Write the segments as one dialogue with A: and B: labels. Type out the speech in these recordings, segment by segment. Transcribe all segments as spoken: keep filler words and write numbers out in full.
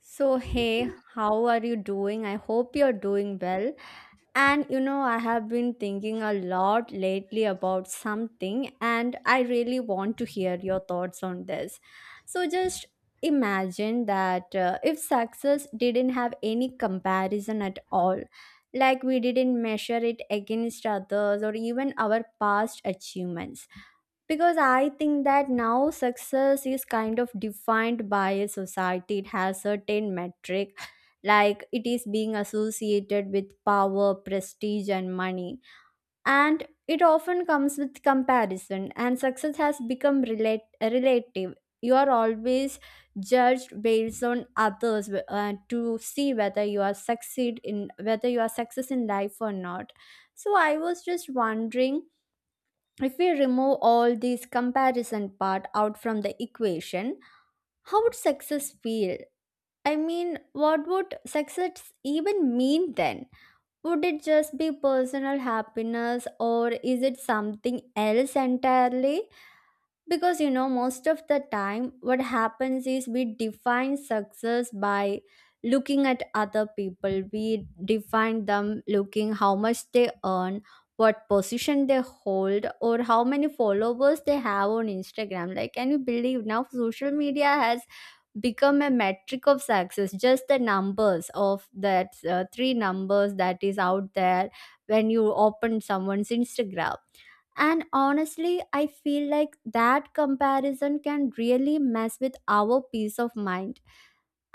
A: So, hey, how are you doing? I hope you're doing well. And you know, I have been thinking a lot lately about something, and I really want to hear your thoughts on this. So, just imagine that uh, if success didn't have any comparison at all, like we didn't measure it against others or even our past achievements, because I think that now success is kind of defined by a society. It has certain metric, like it is being associated with power, prestige and money, and it often comes with comparison, and success has become relate- relative. You are always judged based on others, uh, to see whether you are succeed in, whether you are success in life or not. So I was just wondering, if we remove all these comparison part out from the equation, how would success feel? I mean, what would success even mean then? Would it just be personal happiness, or is it something else entirely? Because you know, most of the time what happens is we define success by looking at other people. We define them looking how much they earn, what position they hold, or how many followers they have on Instagram. Like can you believe now social media has become a metric of success, just the numbers of that, uh, three numbers that is out there when you open someone's Instagram. And honestly, I feel like that comparison can really mess with our peace of mind.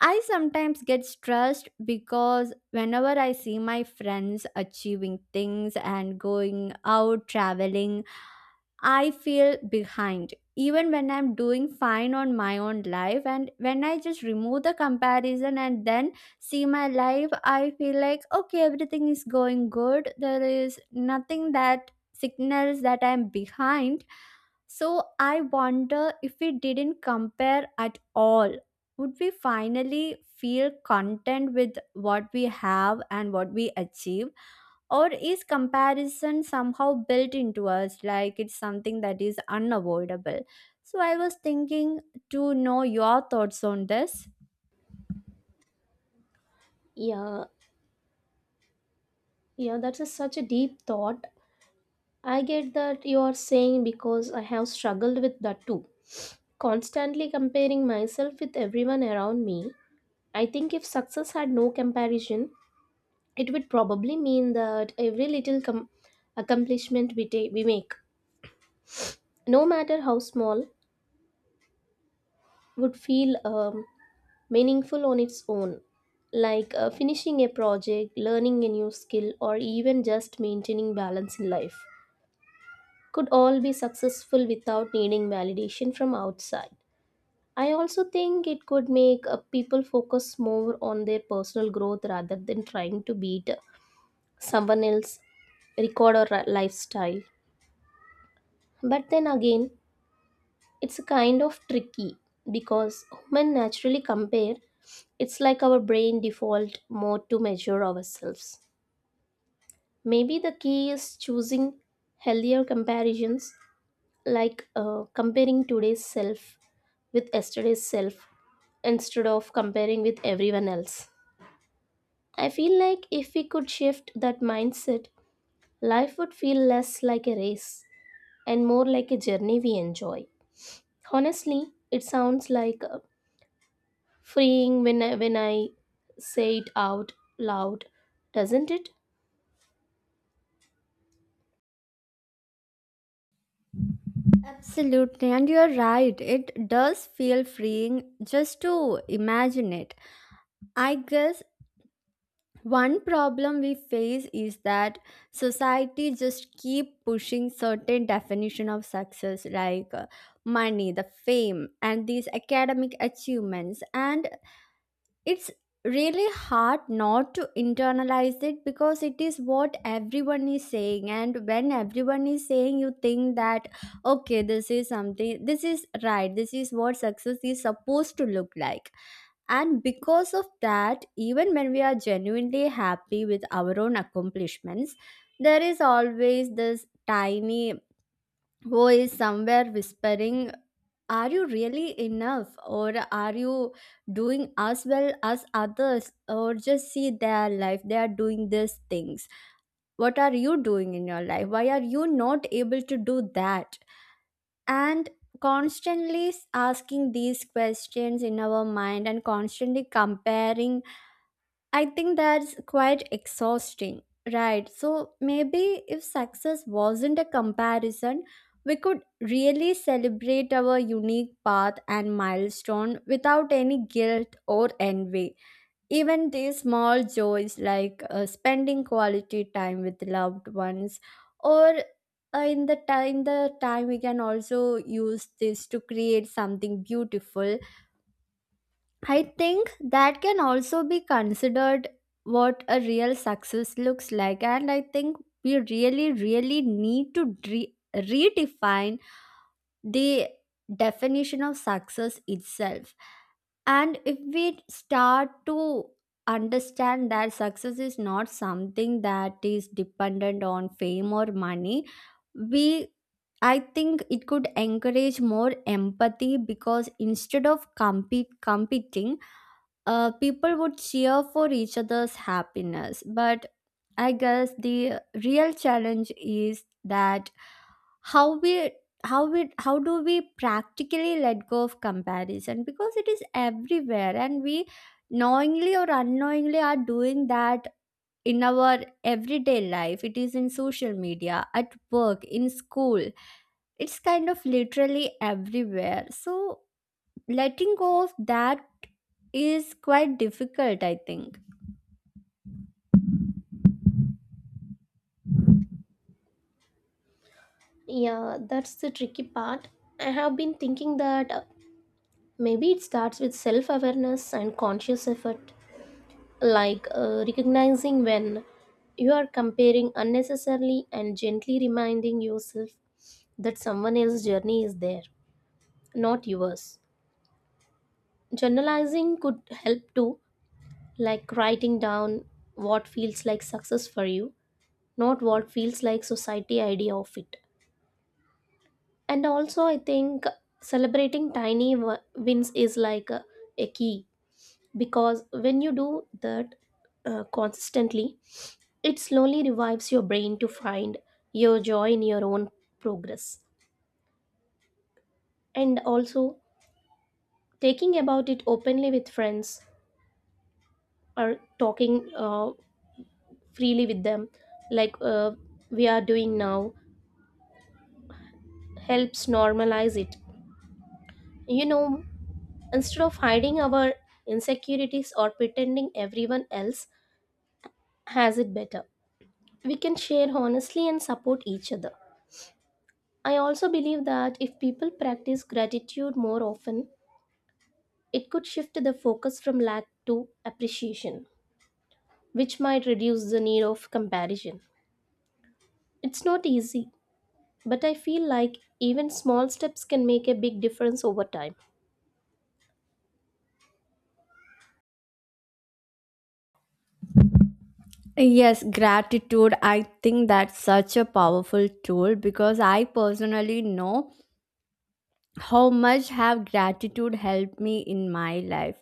A: I sometimes get stressed because whenever I see my friends achieving things and going out traveling, I feel behind. Even when I'm doing fine on my own life, and when I just remove the comparison and then see my life, I feel like, okay, everything is going good. There is nothing that signals that I'm behind. So I wonder, if we didn't compare at all, would we finally feel content with what we have and what we achieve? Or is comparison somehow built into us, like it's something that is unavoidable? So I was thinking to know your thoughts on this.
B: Yeah, yeah, that's a, such a deep thought. I get that you are saying because I have struggled with that too. Constantly comparing myself with everyone around me. I think if success had no comparison, it would probably mean that every little com- accomplishment we, ta- we make, no matter how small, would feel um, meaningful on its own. Like uh, finishing a project, learning a new skill, or even just maintaining balance in life could all be successful without needing validation from outside. I also think it could make uh, people focus more on their personal growth rather than trying to beat uh, someone else's record or ri- lifestyle. But then again, it's kind of tricky because human naturally compare. It's like our brain default mode to measure ourselves. Maybe the key is choosing healthier comparisons, like uh, comparing today's self with yesterday's self instead of comparing with everyone else. I feel like if we could shift that mindset, life would feel less like a race and more like a journey we enjoy. Honestly, it sounds like uh, freeing when I, when I say it out loud, doesn't it?
A: Absolutely, and you're right, it does feel freeing just to imagine it. I guess one problem we face is that society just keep pushing certain definition of success, like uh, money, the fame and these academic achievements. And it's really hard not to internalize it, because it is what everyone is saying, and when everyone is saying, you think that okay, this is something, this is right, this is what success is supposed to look like. And because of that, even when we are genuinely happy with our own accomplishments, there is always this tiny voice somewhere whispering, are you really enough, or are you doing as well as others? Or just see their life, they are doing these things, what are you doing in your life, why are you not able to do that? And constantly asking these questions in our mind, and constantly comparing, I think that's quite exhausting, right? So maybe if success wasn't a comparison, we could really celebrate our unique path and milestone without any guilt or envy. Even these small joys like uh, spending quality time with loved ones, or uh, in the time the time we can also use this to create something beautiful, I think that can also be considered what a real success looks like. And I think we really, really need to re- redefine the definition of success itself. And if we start to understand that success is not something that is dependent on fame or money, we, I think it could encourage more empathy, because instead of compete competing, uh, people would cheer for each other's happiness. But I guess the real challenge is that how we, how we, how do we practically let go of comparison, because it is everywhere, and we knowingly or unknowingly are doing that in our everyday life. It is in social media, at work, in school. It's kind of literally everywhere. So letting go of that is quite difficult, I think.
B: Yeah, that's the tricky part. I have been thinking that uh, maybe it starts with self awareness and conscious effort, like uh, recognizing when you are comparing unnecessarily and gently reminding yourself that someone else's journey is there, not yours. Journalizing could help too, like writing down what feels like success for you, not what feels like society idea of it. And also, I think celebrating tiny w- wins is like a, a key, because when you do that uh, consistently, it slowly revives your brain to find your joy in your own progress. And also, taking about it openly with friends or talking uh, freely with them, like uh, we are doing now, helps normalize it. You know, instead of hiding our insecurities or pretending everyone else has it better, we can share honestly and support each other. I also believe that if people practice gratitude more often, it could shift the focus from lack to appreciation, which might reduce the need of comparison. It's not easy, but I feel like even small steps can make a big difference over time.
A: Yes, gratitude. I think that's such a powerful tool, because I personally know how much have gratitude helped me in my life.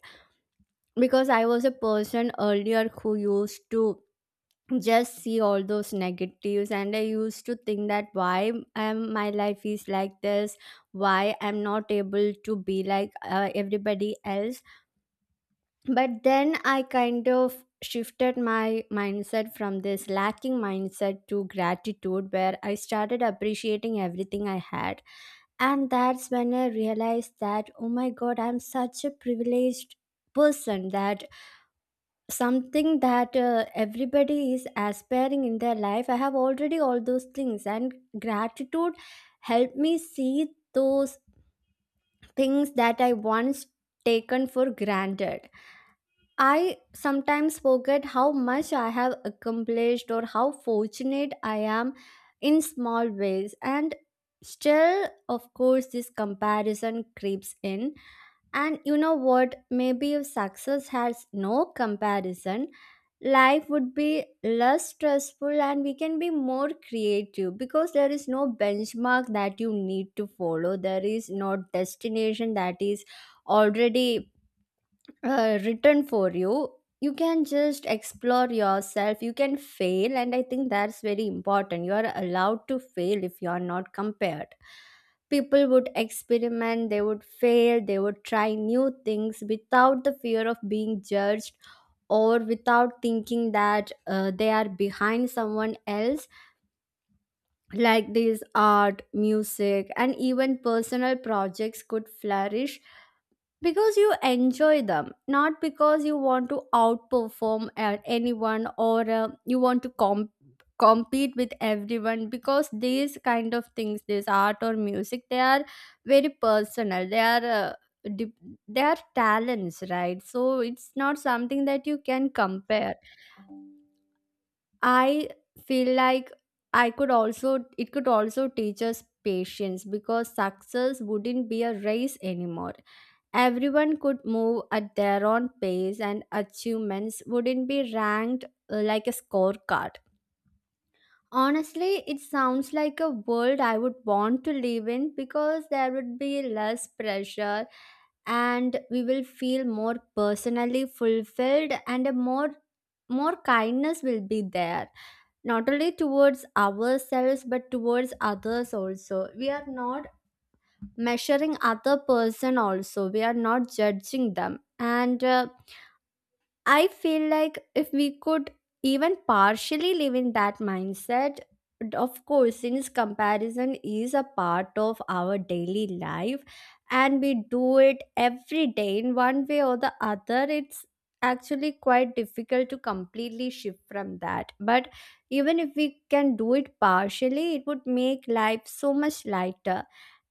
A: Because I was a person earlier who used to just see all those negatives, and I used to think that why am my life is like this, why I'm not able to be like uh, everybody else. But then I kind of shifted my mindset from this lacking mindset to gratitude, where I started appreciating everything I had. And that's when I realized that oh my god, I'm such a privileged person, that something that uh, everybody is aspiring in their life, I have already all those things. And gratitude helped me see those things that I once taken for granted. I sometimes forget how much I have accomplished, or how fortunate I am in small ways. And still, of course, this comparison creeps in. And you know what? Maybe if success has no comparison, life would be less stressful, and we can be more creative, because there is no benchmark that you need to follow. There is no destination that is already uh, written for you. You can just explore yourself, you can fail, and I think that's very important. You are allowed to fail. If you are not compared, people would experiment, they would fail, they would try new things without the fear of being judged, or without thinking that uh, they are behind someone else. Like this, art, music and even personal projects could flourish because you enjoy them, not because you want to outperform at anyone, or uh, you want to comp- compete with everyone. Because these kind of things, this art or music, they are very personal. They are uh, dip- they are talents, right? So it's not something that you can compare. I feel like I could also, it could also teach us patience, because success wouldn't be a race anymore. Everyone could move at their own pace, and achievements wouldn't be ranked uh, like a scorecard. Honestly, it sounds like a world I would want to live in, because there would be less pressure, and we will feel more personally fulfilled, and a more, more kindness will be there, not only towards ourselves but towards others also. We are not measuring other person, also we are not judging them, and uh, I feel like if we could even partially live in that mindset, d- of course, since comparison is a part of our daily life, and we do it every day in one way or the other, it's actually quite difficult to completely shift from that. But even if we can do it partially, it would make life so much lighter,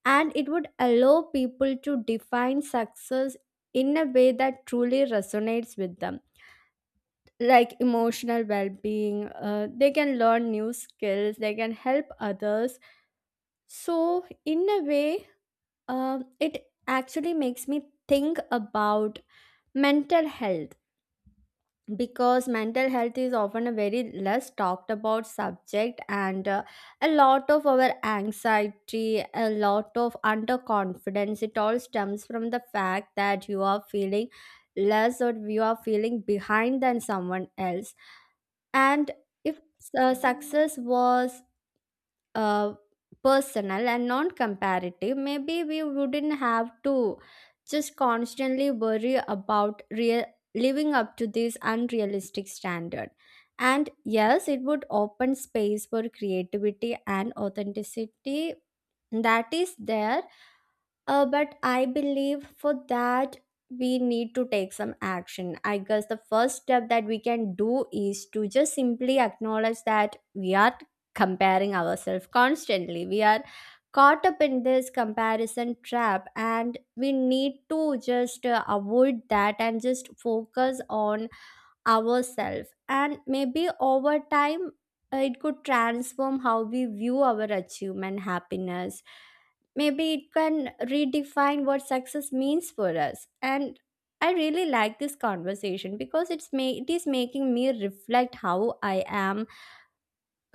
A: and it would allow people to define success in a way that truly resonates with them, like emotional well-being. Uh, they can learn new skills, they can help others. So in a way, um it actually makes me think about mental health, because mental health is often a very less talked about subject. And uh, a lot of our anxiety, a lot of underconfidence, it all stems from the fact that you are feeling less, or you are feeling behind than someone else. And if uh, success was uh, personal and non comparative, maybe we wouldn't have to just constantly worry about real living up to this unrealistic standard. And yes, it would open space for creativity and authenticity that is there, uh, but I believe for that we need to take some action. I guess the first step that we can do is to just simply acknowledge that we are comparing ourselves constantly. We are caught up in this comparison trap, and we need to just uh, avoid that and just focus on ourselves. And maybe over time uh, it could transform how we view our achievement, happiness. Maybe it can redefine what success means for us. And I really like this conversation, because it's ma- it is making me reflect how I am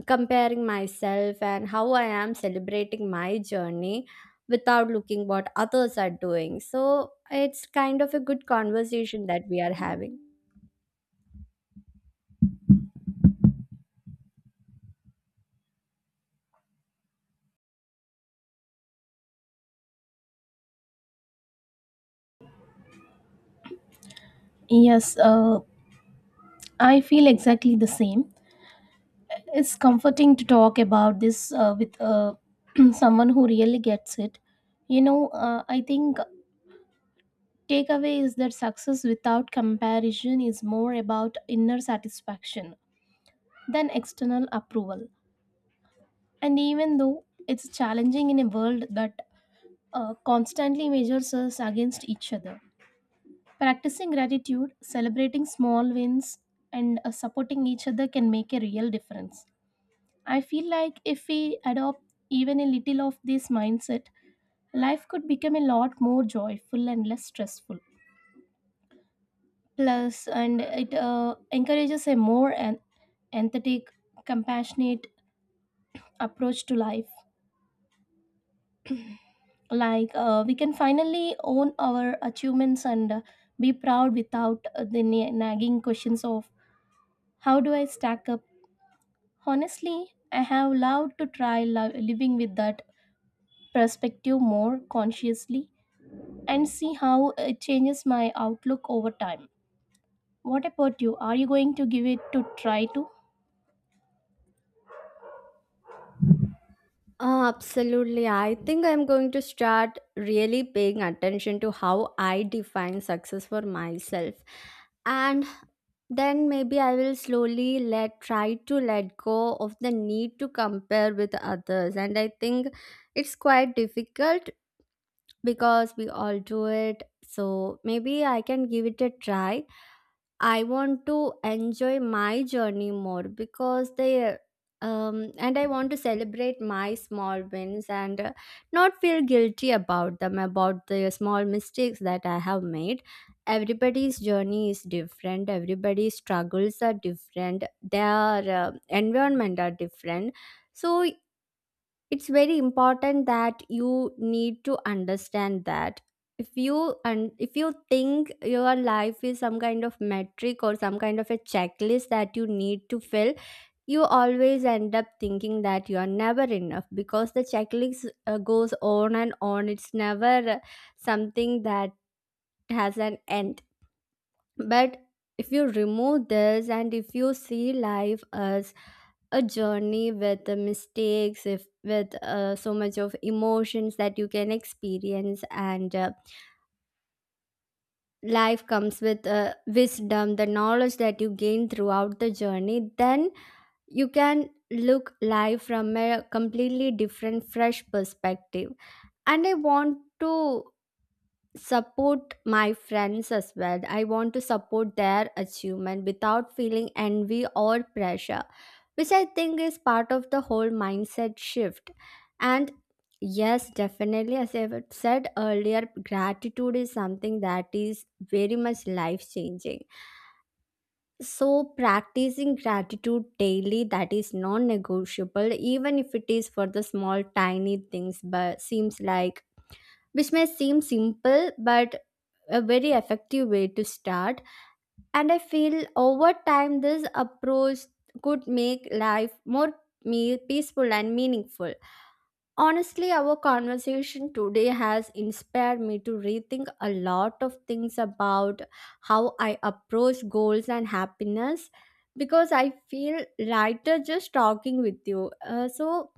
A: comparing myself, and how I am celebrating my journey without looking what others are doing. So it's kind of a good conversation that we are having.
B: Yes, uh, I feel exactly the same. It's comforting to talk about this uh, with uh, someone who really gets it. You know, uh, I think takeaway is that success without comparison is more about inner satisfaction than external approval. And even though it's challenging in a world that uh, constantly measures us against each other, practicing gratitude, celebrating small wins, and uh, supporting each other can make a real difference. I feel like if we adopt even a little of this mindset, life could become a lot more joyful and less stressful. Plus, and it uh, encourages a more an- empathetic, compassionate approach to life, like uh, we can finally own our achievements and uh, be proud without uh, the na- nagging questions of how do I stack up. Honestly, I have loved to try lo- living with that perspective more consciously and see how it changes my outlook over time. What about you, are you going to give it to try to?
A: Oh, absolutely. I think I'm going to start really paying attention to how I define success for myself. And then maybe I will slowly let try to let go of the need to compare with others. And I think it's quite difficult, because we all do it. So maybe I can give it a try. I want to enjoy my journey more, because they, um, and I want to celebrate my small wins, and uh, not feel guilty about them, about the small mistakes that I have made. Everybody's journey is different. Everybody's struggles are different. Their uh, environment are different. So it's very important that you need to understand that if you and if you think your life is some kind of metric or some kind of a checklist that you need to fill, you always end up thinking that you are never enough because the checklist uh, goes on and on. It's never uh, something that has an end. But if you remove this and if you see life as a journey with the mistakes, if with uh, so much of emotions that you can experience, and uh, life comes with uh, wisdom, the knowledge that you gain throughout the journey, then you can look life from a completely different, fresh perspective. And I want to support my friends as well. I want to support their achievement without feeling envy or pressure, which I think is part of the whole mindset shift. And yes, definitely, as I've said earlier, gratitude is something that is very much life changing. So, practicing gratitude daily, that is non negotiable, even if it is for the small, tiny things, but seems like, which may seem simple but a very effective way to start. And I feel over time this approach could make life more me- peaceful and meaningful. Honestly, our conversation today has inspired me to rethink a lot of things about how I approach goals and happiness, because I feel lighter just talking with you. Uh, so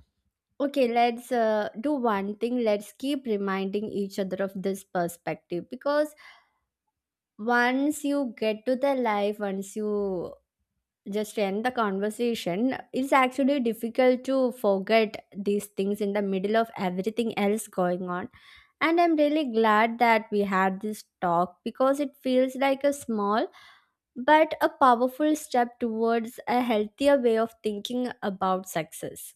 A: okay, let's uh, do one thing. Let's keep reminding each other of this perspective, because once you get to the life, once you just end the conversation, it's actually difficult to forget these things in the middle of everything else going on. And I'm really glad that we had this talk because it feels like a small but a powerful step towards a healthier way of thinking about success.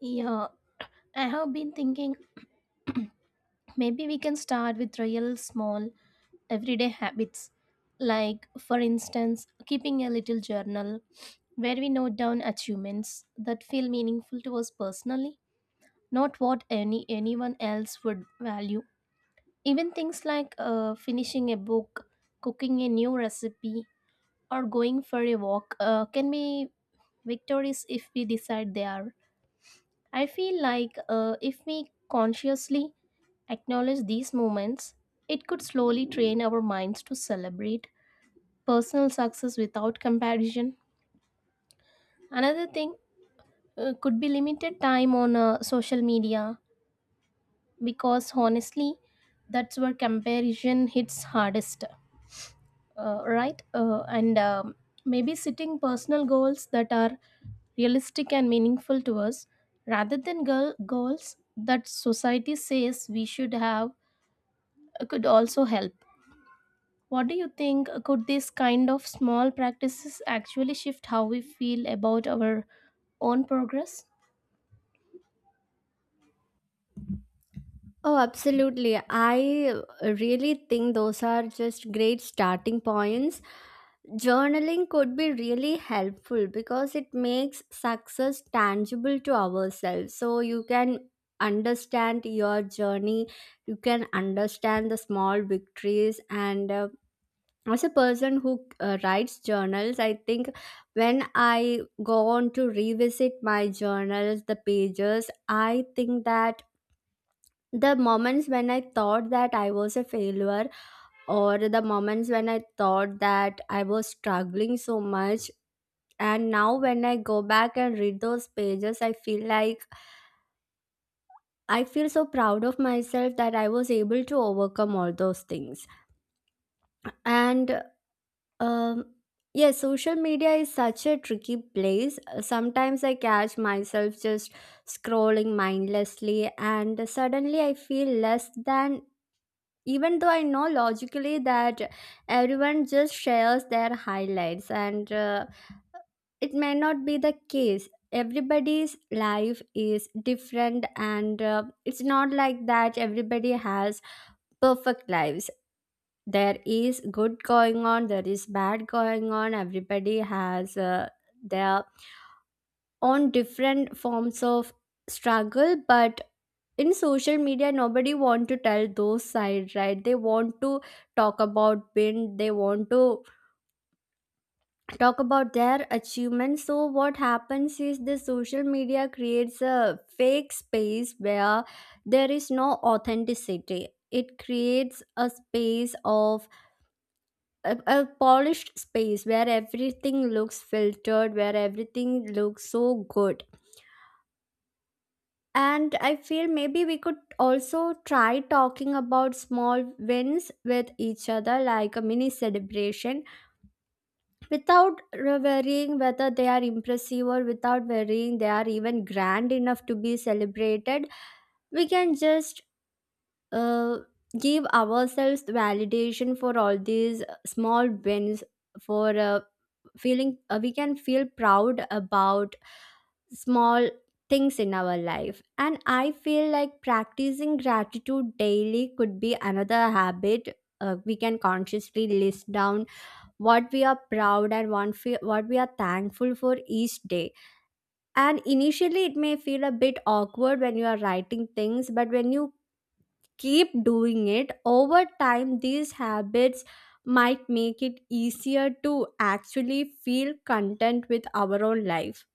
B: Yeah, I have been thinking maybe we can start with real small everyday habits, like, for instance, keeping a little journal where we note down achievements that feel meaningful to us personally, not what any anyone else would value. Even things like uh, finishing a book, cooking a new recipe, or going for a walk uh, can be victories if we decide they are. I feel like uh, if we consciously acknowledge these moments, it could slowly train our minds to celebrate personal success without comparison. Another thing uh, could be limited time on uh, social media, because honestly, that's where comparison hits hardest, uh, right? Uh, and um, maybe setting personal goals that are realistic and meaningful to us rather than girl goals that society says we should have uh, could also help. What do you think? Could these kind of small practices actually shift how we feel about our own progress?
A: Oh, absolutely. I really think those are just great starting points. Journaling could be really helpful because it makes success tangible to ourselves. So you can understand your journey, you can understand the small victories. And uh, as a person who uh, writes journals, I think when I go on to revisit my journals, the pages, I think that the moments when I thought that I was a failure or the moments when I thought that I was struggling so much, and now when I go back and read those pages, I feel like I feel so proud of myself that I was able to overcome all those things. And um yeah, social media is such a tricky place. Sometimes I catch myself just scrolling mindlessly and suddenly I feel less than, even though I know logically that everyone just shares their highlights. And uh, it may not be the case. Everybody's life is different, and uh, it's not like that everybody has perfect lives. There is good going on, there is bad going on. Everybody has uh, their own different forms of struggle. But in social media, nobody want to tell those side, right? They want to talk about win, they want to talk about their achievements. So, what happens is the social media creates a fake space where there is no authenticity. It creates a space of a, a polished space where everything looks filtered, where everything looks so good. And I feel maybe we could also try talking about small wins with each other, like a mini celebration, without worrying whether they are impressive or without worrying they are even grand enough to be celebrated. We can just uh, give ourselves the validation for all these small wins, for uh, feeling, uh, we can feel proud about small things in our life. And I feel like practicing gratitude daily could be another habit. Uh, we can consciously list down what we are proud and one fe- what we are thankful for each day. And initially, it may feel a bit awkward when you are writing things, but when you keep doing it over time, these habits might make it easier to actually feel content with our own life.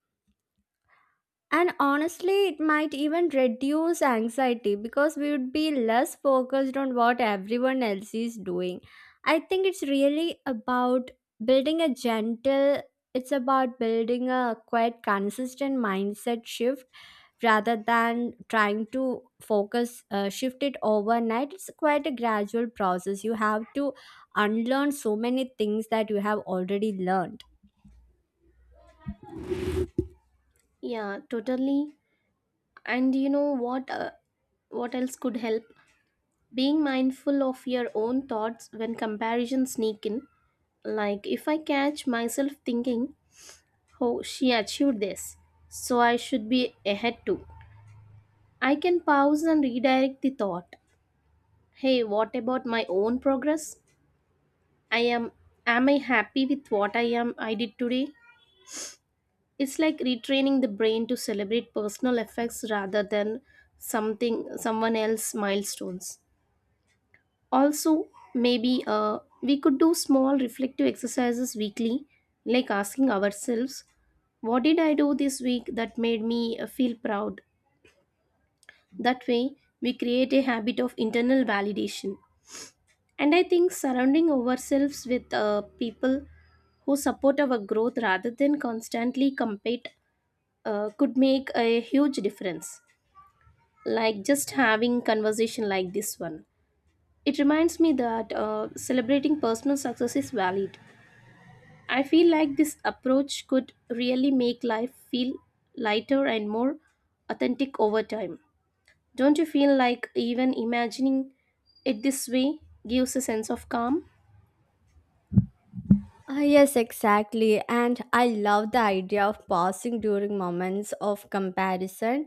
A: And honestly, it might even reduce anxiety because we would be less focused on what everyone else is doing. I think it's really about building a gentle, it's about building a quite consistent mindset shift rather than trying to focus uh, shift it overnight. It's quite a gradual process. You have to unlearn so many things that you have already learned.
B: Yeah, totally. And you know what? Uh, what else could help? Being mindful of your own thoughts when comparisons sneak in. Like if I catch myself thinking, "Oh, she achieved this, so I should be ahead too." I can pause and redirect the thought. Hey, what about my own progress? I am am I happy with what I am I did today? It's like retraining the brain to celebrate personal effects rather than something someone else milestones. Also, maybe uh, we could do small reflective exercises weekly, like asking ourselves, what did I do this week that made me uh, feel proud? That way, we create a habit of internal validation. And I think surrounding ourselves with uh, people who support our growth rather than constantly compete uh, could make a huge difference, like just having conversation like this one. It reminds me that uh, celebrating personal success is valid. I feel like this approach could really make life feel lighter and more authentic over time. Don't you feel like even imagining it this way gives a sense of calm?
A: Uh, yes, exactly. And I love the idea of pausing during moments of comparison.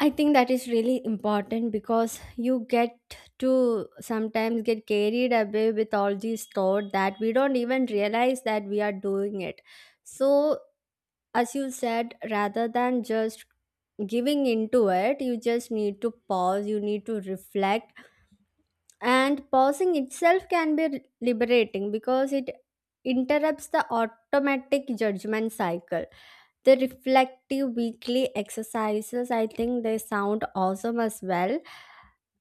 A: I think that is really important because you get to sometimes get carried away with all these thought that we don't even realize that we are doing it. So, as you said, rather than just giving into it, you just need to pause, you need to reflect, and pausing itself can be liberating because it interrupts the automatic judgment cycle. The reflective weekly exercises, I think they sound awesome as well.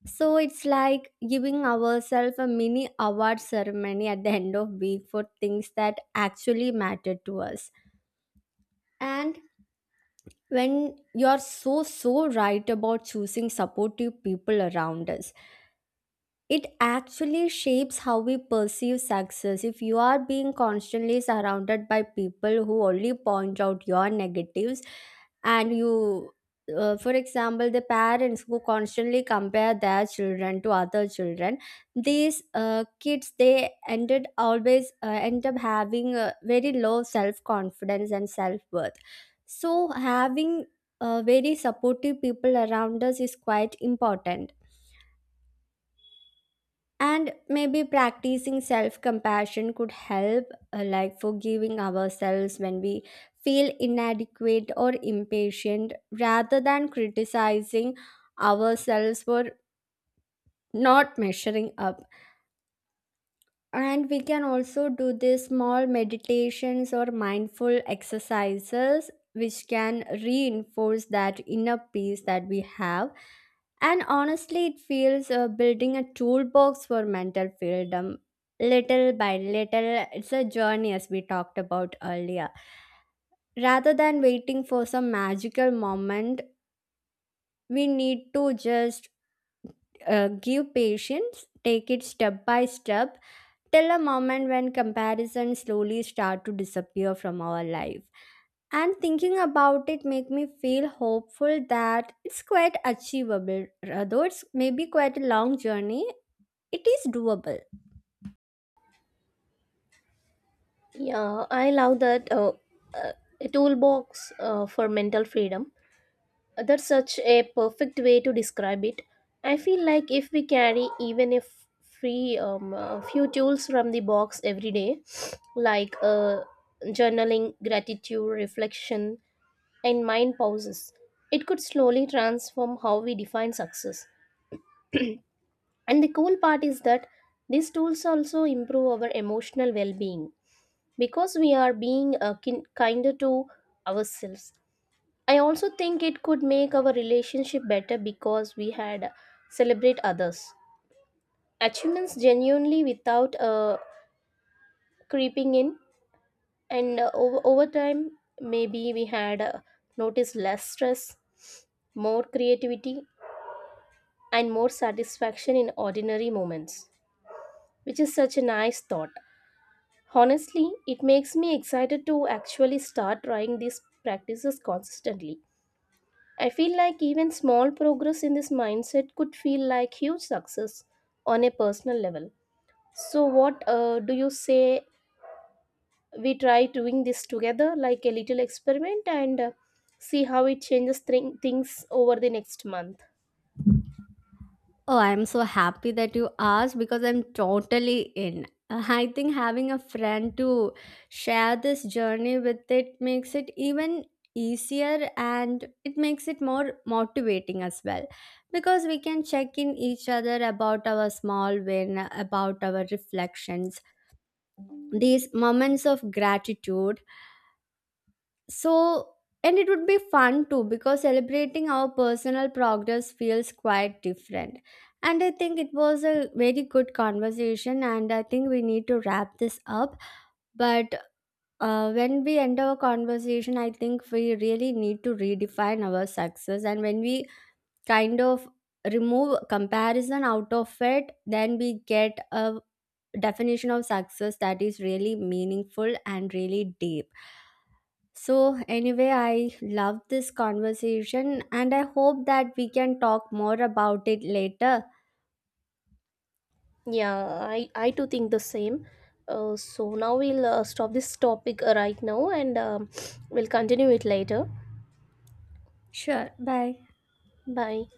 A: So it's like giving ourselves a mini award ceremony at the end of week for things that actually matter to us. And when you're so so right about choosing supportive people around us, it actually shapes how we perceive success. If you are being constantly surrounded by people who only point out your negatives, and you, uh, for example, the parents who constantly compare their children to other children, these uh, kids, they ended always uh, end up having a very low self confidence and self worth. So having uh, very supportive people around us is quite important. And maybe practicing self compassion could help, uh, like forgiving ourselves when we feel inadequate or impatient rather than criticizing ourselves for not measuring up. And we can also do these small meditations or mindful exercises which can reinforce that inner peace that we have. And honestly, it feels uh, building a toolbox for mental freedom little by little. It's a journey, as we talked about earlier, rather than waiting for some magical moment. We need to just uh, give patience, take it step by step, till a moment when comparisons slowly start to disappear from our life. And thinking about it make me feel hopeful that it's quite achievable. Although it's maybe quite a long journey, it is doable.
B: Yeah, I love that, uh, uh, a toolbox uh, for mental freedom. That's such a perfect way to describe it. I feel like if we carry even a f- free um, a few tools from the box every day, like uh, journaling, gratitude, reflection, and mind pauses, it could slowly transform how we define success. And the cool part is that these tools also improve our emotional well-being because we are being uh, kin- kinder to ourselves. I also think it could make our relationship better because we had celebrate others achievements genuinely without uh, creeping in. And uh, over, over time maybe we had uh, noticed less stress, more creativity, and more satisfaction in ordinary moments, which is such a nice thought. Honestly, it makes me excited to actually start trying these practices consistently. I feel like even small progress in this mindset could feel like huge success on a personal level. So, what uh, do you say we try doing this together, like a little experiment, and uh, see how it changes thing things over the next month?
A: Oh, I'm so happy that you asked because I'm totally in. Uh, I think having a friend to share this journey with, it makes it even easier and it makes it more motivating as well, because we can check in each other about our small win, about our reflections, these moments of gratitude. So, and it would be fun too because celebrating our personal progress feels quite different. And I think it was a very good conversation, and I think we need to wrap this up. But uh, when we end our conversation, I think we really need to redefine our success. And when we kind of remove comparison out of it, then we get a definition of success that is really meaningful and really deep. So, anyway, I love this conversation and I hope that we can talk more about it later.
B: Yeah, I, I too think the same. Uh, so, now we'll uh, stop this topic uh, right now and um, we'll continue it later.
A: Sure, bye.
B: Bye.